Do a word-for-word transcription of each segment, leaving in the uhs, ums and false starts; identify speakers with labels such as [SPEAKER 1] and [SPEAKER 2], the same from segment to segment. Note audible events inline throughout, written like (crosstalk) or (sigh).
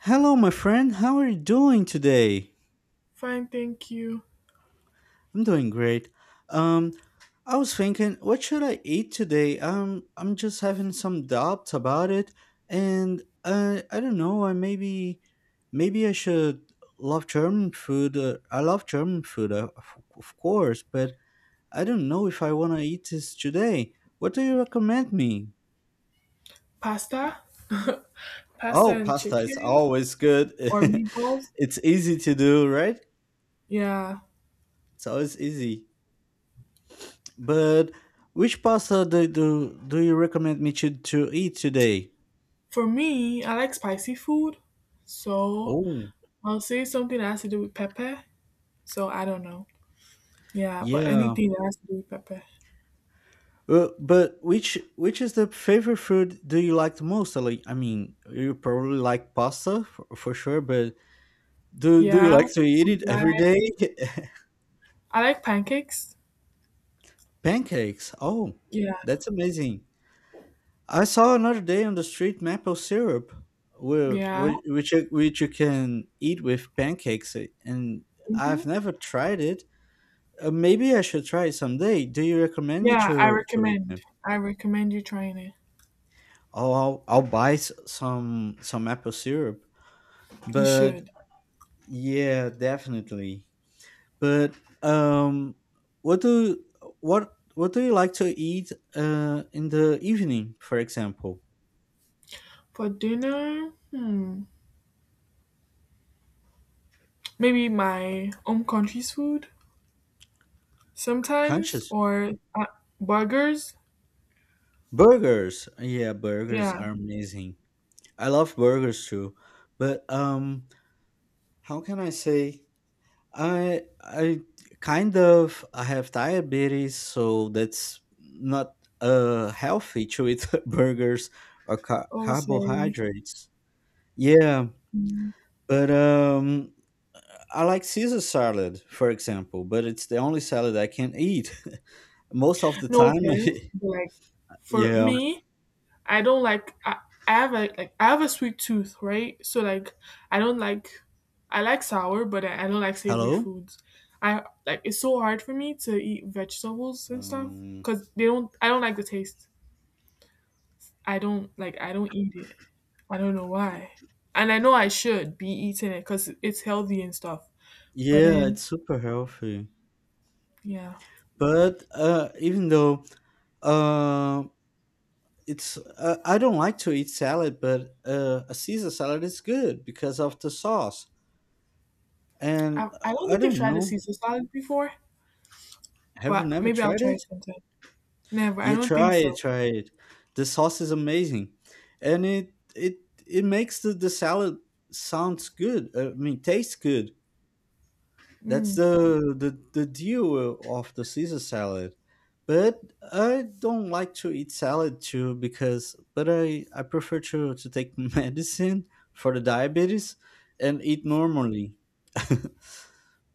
[SPEAKER 1] Hello, my friend. How are you doing today?
[SPEAKER 2] Fine, thank you.
[SPEAKER 1] I'm doing great. Um, I was thinking, what should I eat today? Um, I'm just having some doubts about it, and uh, I don't know. I maybe, maybe I should love German food. Uh, I love German food, uh, of of course, but I don't know if I want to eat this today. What do you recommend me?
[SPEAKER 2] Pasta, (laughs) pasta
[SPEAKER 1] Oh,
[SPEAKER 2] and
[SPEAKER 1] pasta is
[SPEAKER 2] chicken
[SPEAKER 1] always good.
[SPEAKER 2] or
[SPEAKER 1] (laughs)
[SPEAKER 2] meatballs.
[SPEAKER 1] It's easy to do, right?
[SPEAKER 2] Yeah.
[SPEAKER 1] It's always easy. But which pasta do, do, do you recommend me to, to eat today?
[SPEAKER 2] For me, I like spicy food, so
[SPEAKER 1] Oh,
[SPEAKER 2] I'll say something that has to do with pepper. So I don't know. Yeah, but
[SPEAKER 1] yeah.
[SPEAKER 2] anything that has to do with pepper.
[SPEAKER 1] Uh, but which which is the favorite food do you like the most? Like, I mean, you probably like pasta for, for sure, but do do you
[SPEAKER 2] Yeah.
[SPEAKER 1] like to eat
[SPEAKER 2] I
[SPEAKER 1] it every day?
[SPEAKER 2] like,
[SPEAKER 1] (laughs)
[SPEAKER 2] I like pancakes.
[SPEAKER 1] Pancakes. Oh,
[SPEAKER 2] Yeah.
[SPEAKER 1] that's amazing. I saw another day on the street maple syrup, whi-
[SPEAKER 2] Yeah.
[SPEAKER 1] whi- which you- which you can eat with pancakes, eh, and
[SPEAKER 2] Hmm.
[SPEAKER 1] I've never tried it. Uh, maybe I should try it someday. Do you recommend me
[SPEAKER 2] Yeah, I
[SPEAKER 1] to to eat
[SPEAKER 2] recommend.
[SPEAKER 1] them?
[SPEAKER 2] I recommend you trying it.
[SPEAKER 1] Oh, I'll, I'll buy s- some some apple syrup.
[SPEAKER 2] You
[SPEAKER 1] But
[SPEAKER 2] should.
[SPEAKER 1] yeah, definitely. But um, what do what what do you like to eat uh in the evening, for example?
[SPEAKER 2] For dinner, hmm, maybe my home country's food. Sometimes
[SPEAKER 1] Conscious
[SPEAKER 2] or uh, burgers,
[SPEAKER 1] burgers. Yeah, burgers
[SPEAKER 2] yeah.
[SPEAKER 1] are amazing. I love burgers too. But um, how can I say? I I kind of I have diabetes, so that's not uh healthy to eat (laughs) burgers or car-
[SPEAKER 2] Oh, sorry.
[SPEAKER 1] carbohydrates. Yeah,
[SPEAKER 2] Mm.
[SPEAKER 1] but um I like Caesar salad, for example, but it's the only salad I can eat. (laughs) Most of the
[SPEAKER 2] No
[SPEAKER 1] time,
[SPEAKER 2] offense, but like
[SPEAKER 1] (laughs)
[SPEAKER 2] for
[SPEAKER 1] yeah.
[SPEAKER 2] me, I don't like. I, I have a like I have a sweet tooth, right? So like I don't like. I like sour, but I, I don't like savory
[SPEAKER 1] Hello?
[SPEAKER 2] foods. I like it's so hard for me to eat vegetables and stuff
[SPEAKER 1] Um,
[SPEAKER 2] because they don't. I don't like the taste. I don't like. I don't eat it. I don't know why. And I know I should be eating it because it's healthy and stuff. But
[SPEAKER 1] yeah, it's
[SPEAKER 2] then,
[SPEAKER 1] super healthy.
[SPEAKER 2] yeah.
[SPEAKER 1] But uh even though um it's uh, I don't like to eat salad, but uh, a Caesar salad is good because of the sauce. And
[SPEAKER 2] I,
[SPEAKER 1] uh,
[SPEAKER 2] I don't
[SPEAKER 1] I
[SPEAKER 2] think I've
[SPEAKER 1] don't
[SPEAKER 2] tried a
[SPEAKER 1] know,
[SPEAKER 2] Caesar salad before,
[SPEAKER 1] have you
[SPEAKER 2] but
[SPEAKER 1] never
[SPEAKER 2] maybe I'll
[SPEAKER 1] tried
[SPEAKER 2] try
[SPEAKER 1] it?
[SPEAKER 2] it sometime. Never. I
[SPEAKER 1] Yeah,
[SPEAKER 2] don't think
[SPEAKER 1] try it,
[SPEAKER 2] so.
[SPEAKER 1] try it. The sauce is amazing, and it it it makes the the salad sounds good. uh, I mean, tastes good. That's
[SPEAKER 2] Mm,
[SPEAKER 1] the the, the deal of the Caesar salad. But I don't like to eat salad too because but I, I prefer to, to take (laughs) medicine for the diabetes and eat normally. (laughs)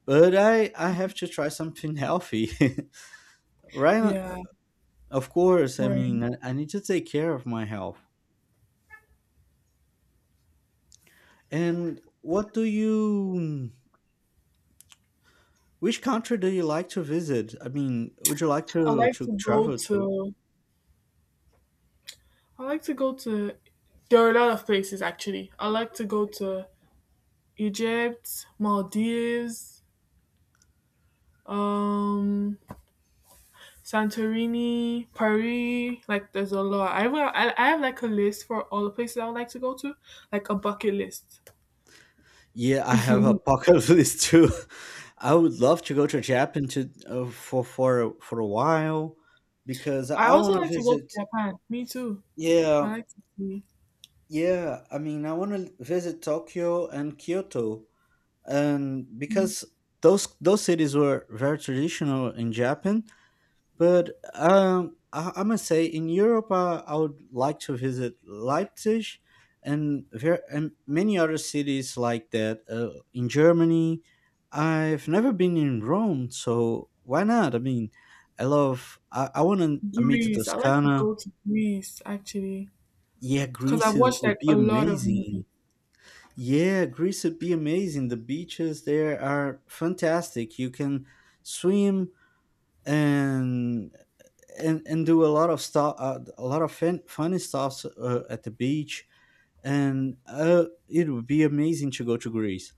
[SPEAKER 1] But I, I have to try something healthy. (laughs) Right,
[SPEAKER 2] yeah.
[SPEAKER 1] of course. I
[SPEAKER 2] Sorry.
[SPEAKER 1] mean I, I need to take care of my health. And what do you which country do you like to visit? I mean, would you like
[SPEAKER 2] I
[SPEAKER 1] to,
[SPEAKER 2] like
[SPEAKER 1] to
[SPEAKER 2] to go
[SPEAKER 1] travel to?
[SPEAKER 2] to. I like to go to. There are a lot of places actually. I like to go to Egypt, Maldives, um, Santorini, Paris. Like there's a lot. I will. I I have like a list for all the places I would like to go to, like a bucket list. (laughs)
[SPEAKER 1] Yeah, I have a pocket (laughs) list too. I would love to go to Japan to uh, for for a- for a while because
[SPEAKER 2] I
[SPEAKER 1] I
[SPEAKER 2] also
[SPEAKER 1] want to
[SPEAKER 2] like to go to
[SPEAKER 1] visit.
[SPEAKER 2] Japan. Me too. I
[SPEAKER 1] Yeah,
[SPEAKER 2] like to see.
[SPEAKER 1] yeah. I mean, I want to visit Tokyo and Kyoto, and because those those cities were very traditional in Japan, but um, I, I must say, in Europe, uh, I would like to visit Leipzig and ver- and many other cities like that. Uh, in Germany, I've never been in Rome, so why not? I mean, I love. I, I want to meet the
[SPEAKER 2] Greece. I like to
[SPEAKER 1] Toscana.
[SPEAKER 2] go to Greece actually
[SPEAKER 1] Yeah,
[SPEAKER 2] because I've
[SPEAKER 1] Greece is,
[SPEAKER 2] watched
[SPEAKER 1] would
[SPEAKER 2] like
[SPEAKER 1] be
[SPEAKER 2] a lot of movies.
[SPEAKER 1] amazing. Yeah, Greece would be amazing. The beaches there are fantastic. You can swim and and and do a lot of stuff, uh, a lot of fun, funny stuff uh, at the beach, and uh, it would be amazing to go to Greece.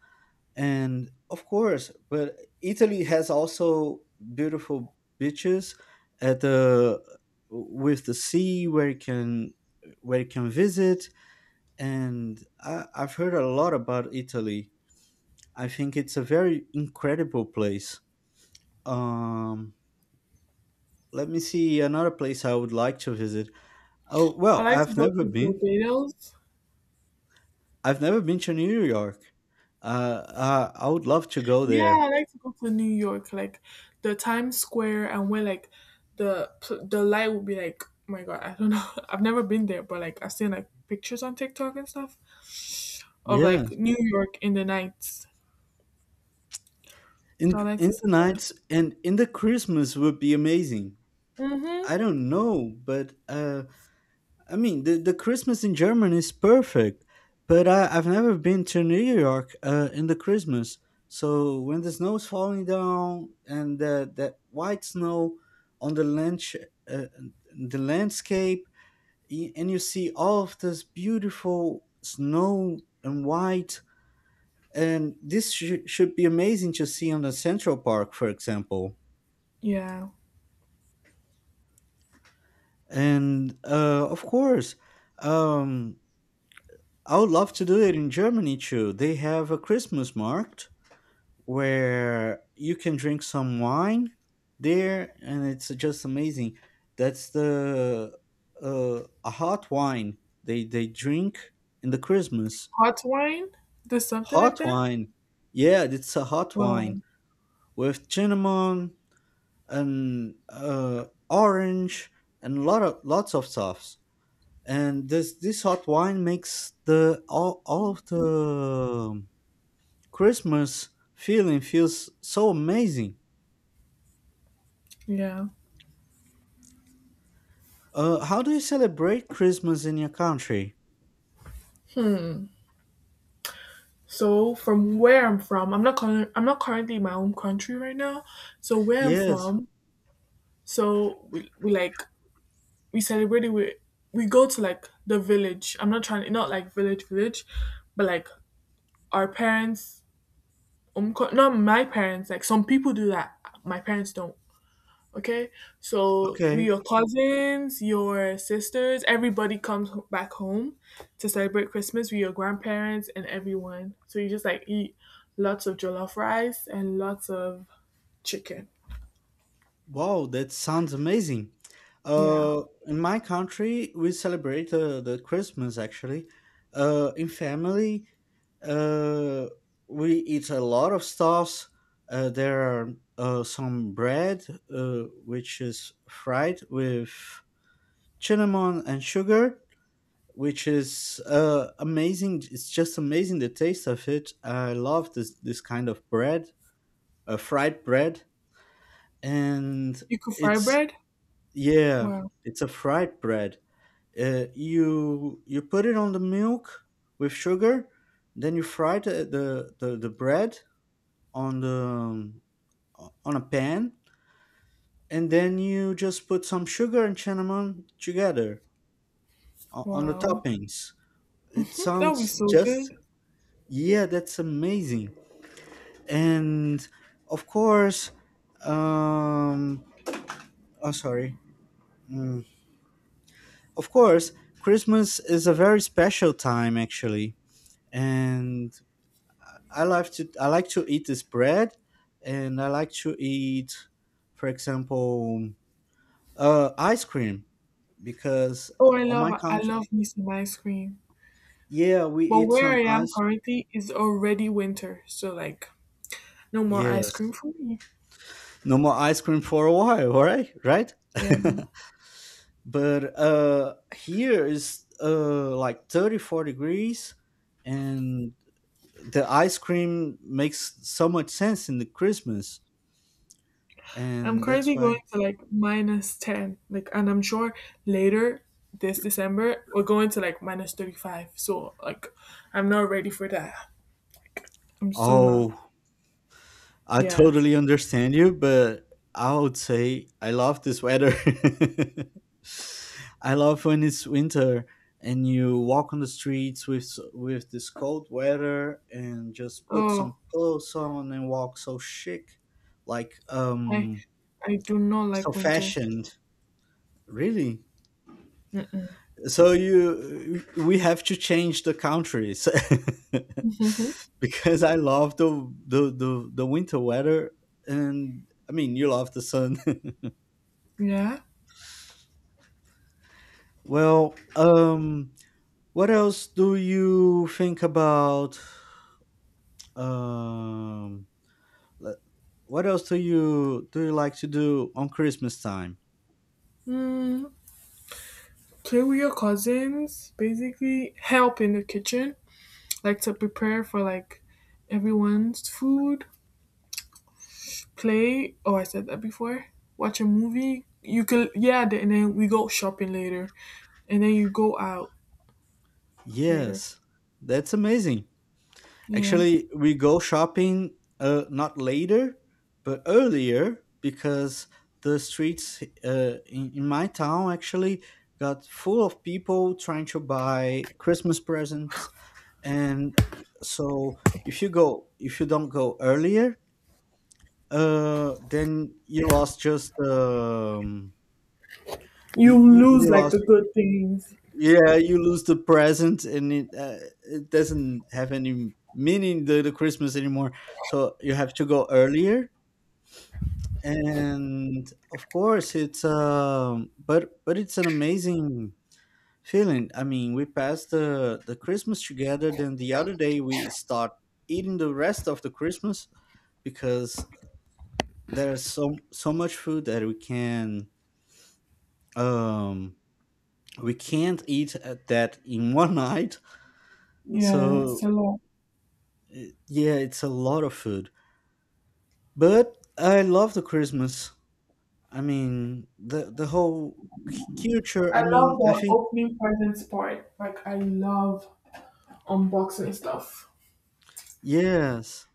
[SPEAKER 1] And of course, but Italy has also beautiful beaches at the with the sea where you can where you can visit. And I, I've heard a lot about Italy. I think it's a very incredible place. Um, Let me see another place I would like to visit. Oh,
[SPEAKER 2] I
[SPEAKER 1] well,
[SPEAKER 2] like to
[SPEAKER 1] I've
[SPEAKER 2] go
[SPEAKER 1] never
[SPEAKER 2] to
[SPEAKER 1] been.
[SPEAKER 2] Barbados.
[SPEAKER 1] I've never been to New York. Uh, uh, I would love to go
[SPEAKER 2] Yeah,
[SPEAKER 1] there.
[SPEAKER 2] I like to go to New York, like the Times Square, and where like the pl- the light would be like. Oh my God, I don't know. (laughs) I've never been there, but like I've seen like pictures on TikTok and stuff of
[SPEAKER 1] Yeah.
[SPEAKER 2] like New York in the nights. So I
[SPEAKER 1] In
[SPEAKER 2] like
[SPEAKER 1] in
[SPEAKER 2] to
[SPEAKER 1] the
[SPEAKER 2] see that.
[SPEAKER 1] nights and in the Christmas would be amazing.
[SPEAKER 2] Mhm.
[SPEAKER 1] I don't know, but uh, I mean the, the Christmas in Germany is perfect, but I, I've never been to New York uh, in the Christmas. So when the snow is falling down and the, that white snow on the land, uh, the landscape y- and you see all of this beautiful snow and white and this sh- should be amazing to see on the central park, for example,
[SPEAKER 2] Yeah.
[SPEAKER 1] and uh, of course, um, I would love to do it in Germany too. They have a Christmas market where you can drink some wine there, and it's just amazing. That's the uh, a hot wine they they drink in the Christmas.
[SPEAKER 2] Hot wine. There's something like
[SPEAKER 1] Hot
[SPEAKER 2] that.
[SPEAKER 1] wine. Yeah, it's a hot wine
[SPEAKER 2] Wow.
[SPEAKER 1] with cinnamon and uh, orange and lot of lots of stuffs. And this this hot wine makes the all, all of the Christmas feeling feels so amazing.
[SPEAKER 2] Yeah.
[SPEAKER 1] Uh, how do you celebrate Christmas in your country?
[SPEAKER 2] So from where I'm from, I'm not current, I'm not currently in my own country right now. So where I'm
[SPEAKER 1] Yes.
[SPEAKER 2] from, so we, we like we celebrate it with we go to like the village. I'm not trying not like village village, but like our parents um co- not my parents, like some people do that. My parents don't. Okay, so we,
[SPEAKER 1] Okay.
[SPEAKER 2] your cousins, your sisters, everybody comes ho- back home to celebrate Christmas with your grandparents and everyone. So you just like eat lots of jollof rice and lots of chicken.
[SPEAKER 1] Wow, that sounds amazing.
[SPEAKER 2] Yeah,
[SPEAKER 1] Uh, in my country, we celebrate uh, the Christmas actually. Uh, in family, uh, we eat a lot of stuffs. Uh, there are uh, some bread, uh, which is fried with cinnamon and sugar, which is uh, amazing. It's just amazing the taste of it. I love this this kind of bread, uh, fried bread, and
[SPEAKER 2] you could fry
[SPEAKER 1] it's
[SPEAKER 2] bread.
[SPEAKER 1] yeah,
[SPEAKER 2] Wow,
[SPEAKER 1] it's a fried bread. Uh, you you put it on the milk with sugar, then you fry the the, the, the bread on the um, o- on a pan, and then you just put some sugar and cinnamon together o- on the
[SPEAKER 2] wow,
[SPEAKER 1] toppings. It
[SPEAKER 2] (laughs) that would be
[SPEAKER 1] sounds
[SPEAKER 2] so
[SPEAKER 1] just
[SPEAKER 2] good.
[SPEAKER 1] yeah, that's amazing. And of course, um, oh sorry. Mm. Of course, Christmas is a very special time actually, and I like to I like to eat this bread, and I like to eat, for example, uh, ice cream because
[SPEAKER 2] Oh, I
[SPEAKER 1] on my
[SPEAKER 2] love, I
[SPEAKER 1] country,
[SPEAKER 2] love me some ice cream.
[SPEAKER 1] yeah, we
[SPEAKER 2] But
[SPEAKER 1] eat
[SPEAKER 2] where
[SPEAKER 1] some
[SPEAKER 2] I am
[SPEAKER 1] ice.
[SPEAKER 2] currently is already winter, so like no more ice cream
[SPEAKER 1] Yes,
[SPEAKER 2] for me.
[SPEAKER 1] no more ice cream for a while, all right, right?
[SPEAKER 2] Yeah.
[SPEAKER 1] (laughs) But uh, here is uh like thirty-four degrees, and the ice cream makes so much sense in the Christmas,
[SPEAKER 2] I'm
[SPEAKER 1] and that's
[SPEAKER 2] currently going
[SPEAKER 1] why.
[SPEAKER 2] to like minus ten, like, and I'm sure later this December we're going to like minus thirty-five. So, like, I'm not ready for that. Like, I'm so not.
[SPEAKER 1] Oh, I
[SPEAKER 2] Yeah.
[SPEAKER 1] totally understand you, but I would say I love this weather. (laughs) I love when it's winter and you walk on the streets with s- with this cold weather and just put some
[SPEAKER 2] Oh,
[SPEAKER 1] clothes on and walk so chic, like
[SPEAKER 2] I,
[SPEAKER 1] um
[SPEAKER 2] I do not
[SPEAKER 1] so
[SPEAKER 2] like winter.
[SPEAKER 1] fashioned. Really?
[SPEAKER 2] Mm-hmm.
[SPEAKER 1] So you, we have to change the countries
[SPEAKER 2] (laughs)
[SPEAKER 1] (laughs) because I love the, the the the winter weather, and I mean you love the sun.
[SPEAKER 2] Yeah.
[SPEAKER 1] (laughs) Well, um, what else do you think about? Um, le- what else do you do you like to do on Christmas time?
[SPEAKER 2] Play with your cousins. Basically, help in the kitchen, like to prepare for like everyone's food. Play, oh, I said that before. Watch a movie, you could. Yeah, th- and then we go shopping later and then you go out later.
[SPEAKER 1] Yes, that's amazing.
[SPEAKER 2] Yeah,
[SPEAKER 1] Actually, we go shopping uh, not later, but earlier because the streets uh, in, in my town actually got full of people trying to buy Christmas presents. And so if you go, if you don't go earlier, uh, then you lost just um, you,
[SPEAKER 2] you
[SPEAKER 1] you
[SPEAKER 2] lose
[SPEAKER 1] you
[SPEAKER 2] like the
[SPEAKER 1] lost
[SPEAKER 2] good things.
[SPEAKER 1] yeah, you lose the present, and it uh, it doesn't have any meaning the, the Christmas anymore. So you have to go earlier, and of course it's um but but it's an amazing feeling. I mean, we passed the the Christmas together, then the other day we start eating the rest of the Christmas, because there's so so much food that we can um we can't eat at that in one (laughs) night,
[SPEAKER 2] Yeah, it's
[SPEAKER 1] so
[SPEAKER 2] a lot.
[SPEAKER 1] It- yeah, it's a lot of food, but I love the Christmas. I mean, the the whole c- culture.
[SPEAKER 2] I
[SPEAKER 1] I
[SPEAKER 2] love
[SPEAKER 1] mean, I
[SPEAKER 2] the
[SPEAKER 1] think
[SPEAKER 2] opening presents part, like I love unboxing stuff.
[SPEAKER 1] yes,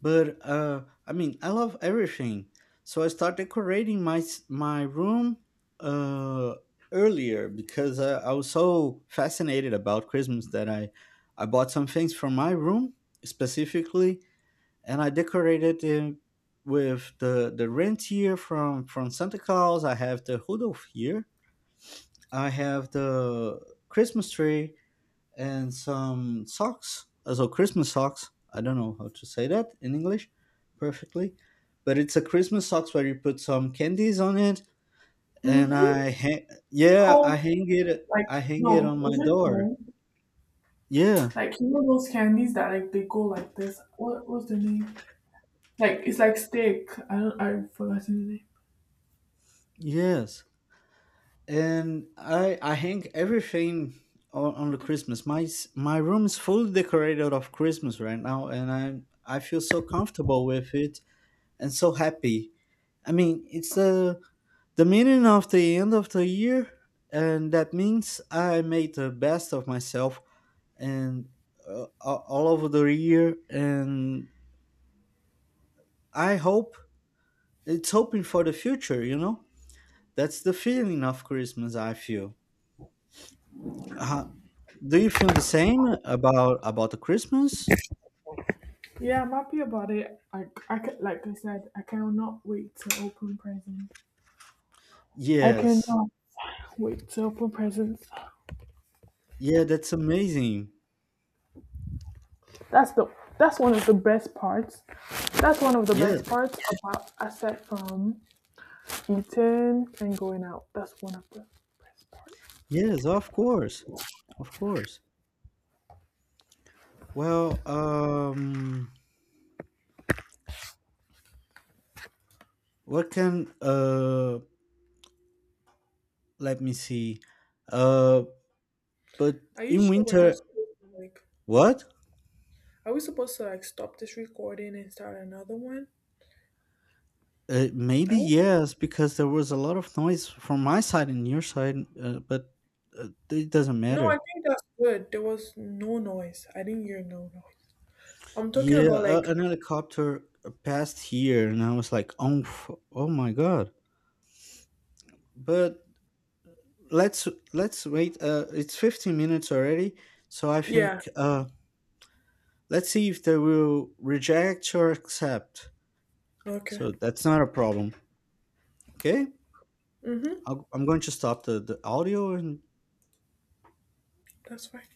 [SPEAKER 1] but uh, I mean, I love everything. So I start decorating my s- my room uh earlier because I, I was so fascinated about Christmas that I I bought some things for my room specifically, and I decorated it with the the reindeer from from Santa Claus. I have the Rudolph here. I have the Christmas tree and some socks, also Christmas socks. I don't know how to say that in English perfectly, but it's a Christmas socks where you put some candies on it, and
[SPEAKER 2] Mm-hmm.
[SPEAKER 1] I ha- yeah,
[SPEAKER 2] Cone,
[SPEAKER 1] I hang it
[SPEAKER 2] like,
[SPEAKER 1] I hang it
[SPEAKER 2] no,
[SPEAKER 1] on my
[SPEAKER 2] is it
[SPEAKER 1] door.
[SPEAKER 2] cone,
[SPEAKER 1] Yeah,
[SPEAKER 2] like you know those candies that like they go like this, what was the name, like it's like stick, I don't, I forgot the name.
[SPEAKER 1] yes. And I I hang everything on, on the Christmas. My s- my room is fully decorated of Christmas right now, and I I feel so comfortable with it and so happy. I mean, it's uh, the meaning of the end of the year, and that means I made the best of myself and uh, a- all over the year, and I hope it's hoping for the future. You know, that's the feeling of Christmas, I feel. Do you feel the same about about the Christmas?
[SPEAKER 2] Yeah, I'm happy about it. I, I ca- like I said, I cannot wait to open presents. I
[SPEAKER 1] Yes.
[SPEAKER 2] cannot wait to open presents.
[SPEAKER 1] Yeah, that's amazing.
[SPEAKER 2] That's the that's one of the best parts. That's one of the
[SPEAKER 1] Yeah.
[SPEAKER 2] best parts about aside from eating and going out. That's one of the.
[SPEAKER 1] Yes, of course. Of course. Well, um what can uh let me see. Uh but
[SPEAKER 2] Are you
[SPEAKER 1] in
[SPEAKER 2] sure we're not
[SPEAKER 1] winter
[SPEAKER 2] supposed to like?
[SPEAKER 1] what?
[SPEAKER 2] Are we supposed to like stop this recording and start another one?
[SPEAKER 1] Uh,
[SPEAKER 2] I
[SPEAKER 1] maybe
[SPEAKER 2] don't know.
[SPEAKER 1] yes, because there was a lot of noise from my side and your side, uh, but uh, it doesn't
[SPEAKER 2] No, I
[SPEAKER 1] matter.
[SPEAKER 2] think that's good. There was no noise. I didn't hear no noise. I'm talking
[SPEAKER 1] Yeah,
[SPEAKER 2] about
[SPEAKER 1] uh,
[SPEAKER 2] like
[SPEAKER 1] an helicopter passed here, and I was like, oh, f- oh my god! But let's let's wait. Uh, it's fifteen minutes already, so I
[SPEAKER 2] yeah.
[SPEAKER 1] think uh, let's see if they will reject or accept.
[SPEAKER 2] Okay.
[SPEAKER 1] So that's not a problem. Okay,
[SPEAKER 2] Mhm.
[SPEAKER 1] I'll, I'm going to stop the, the audio and
[SPEAKER 2] That's fine.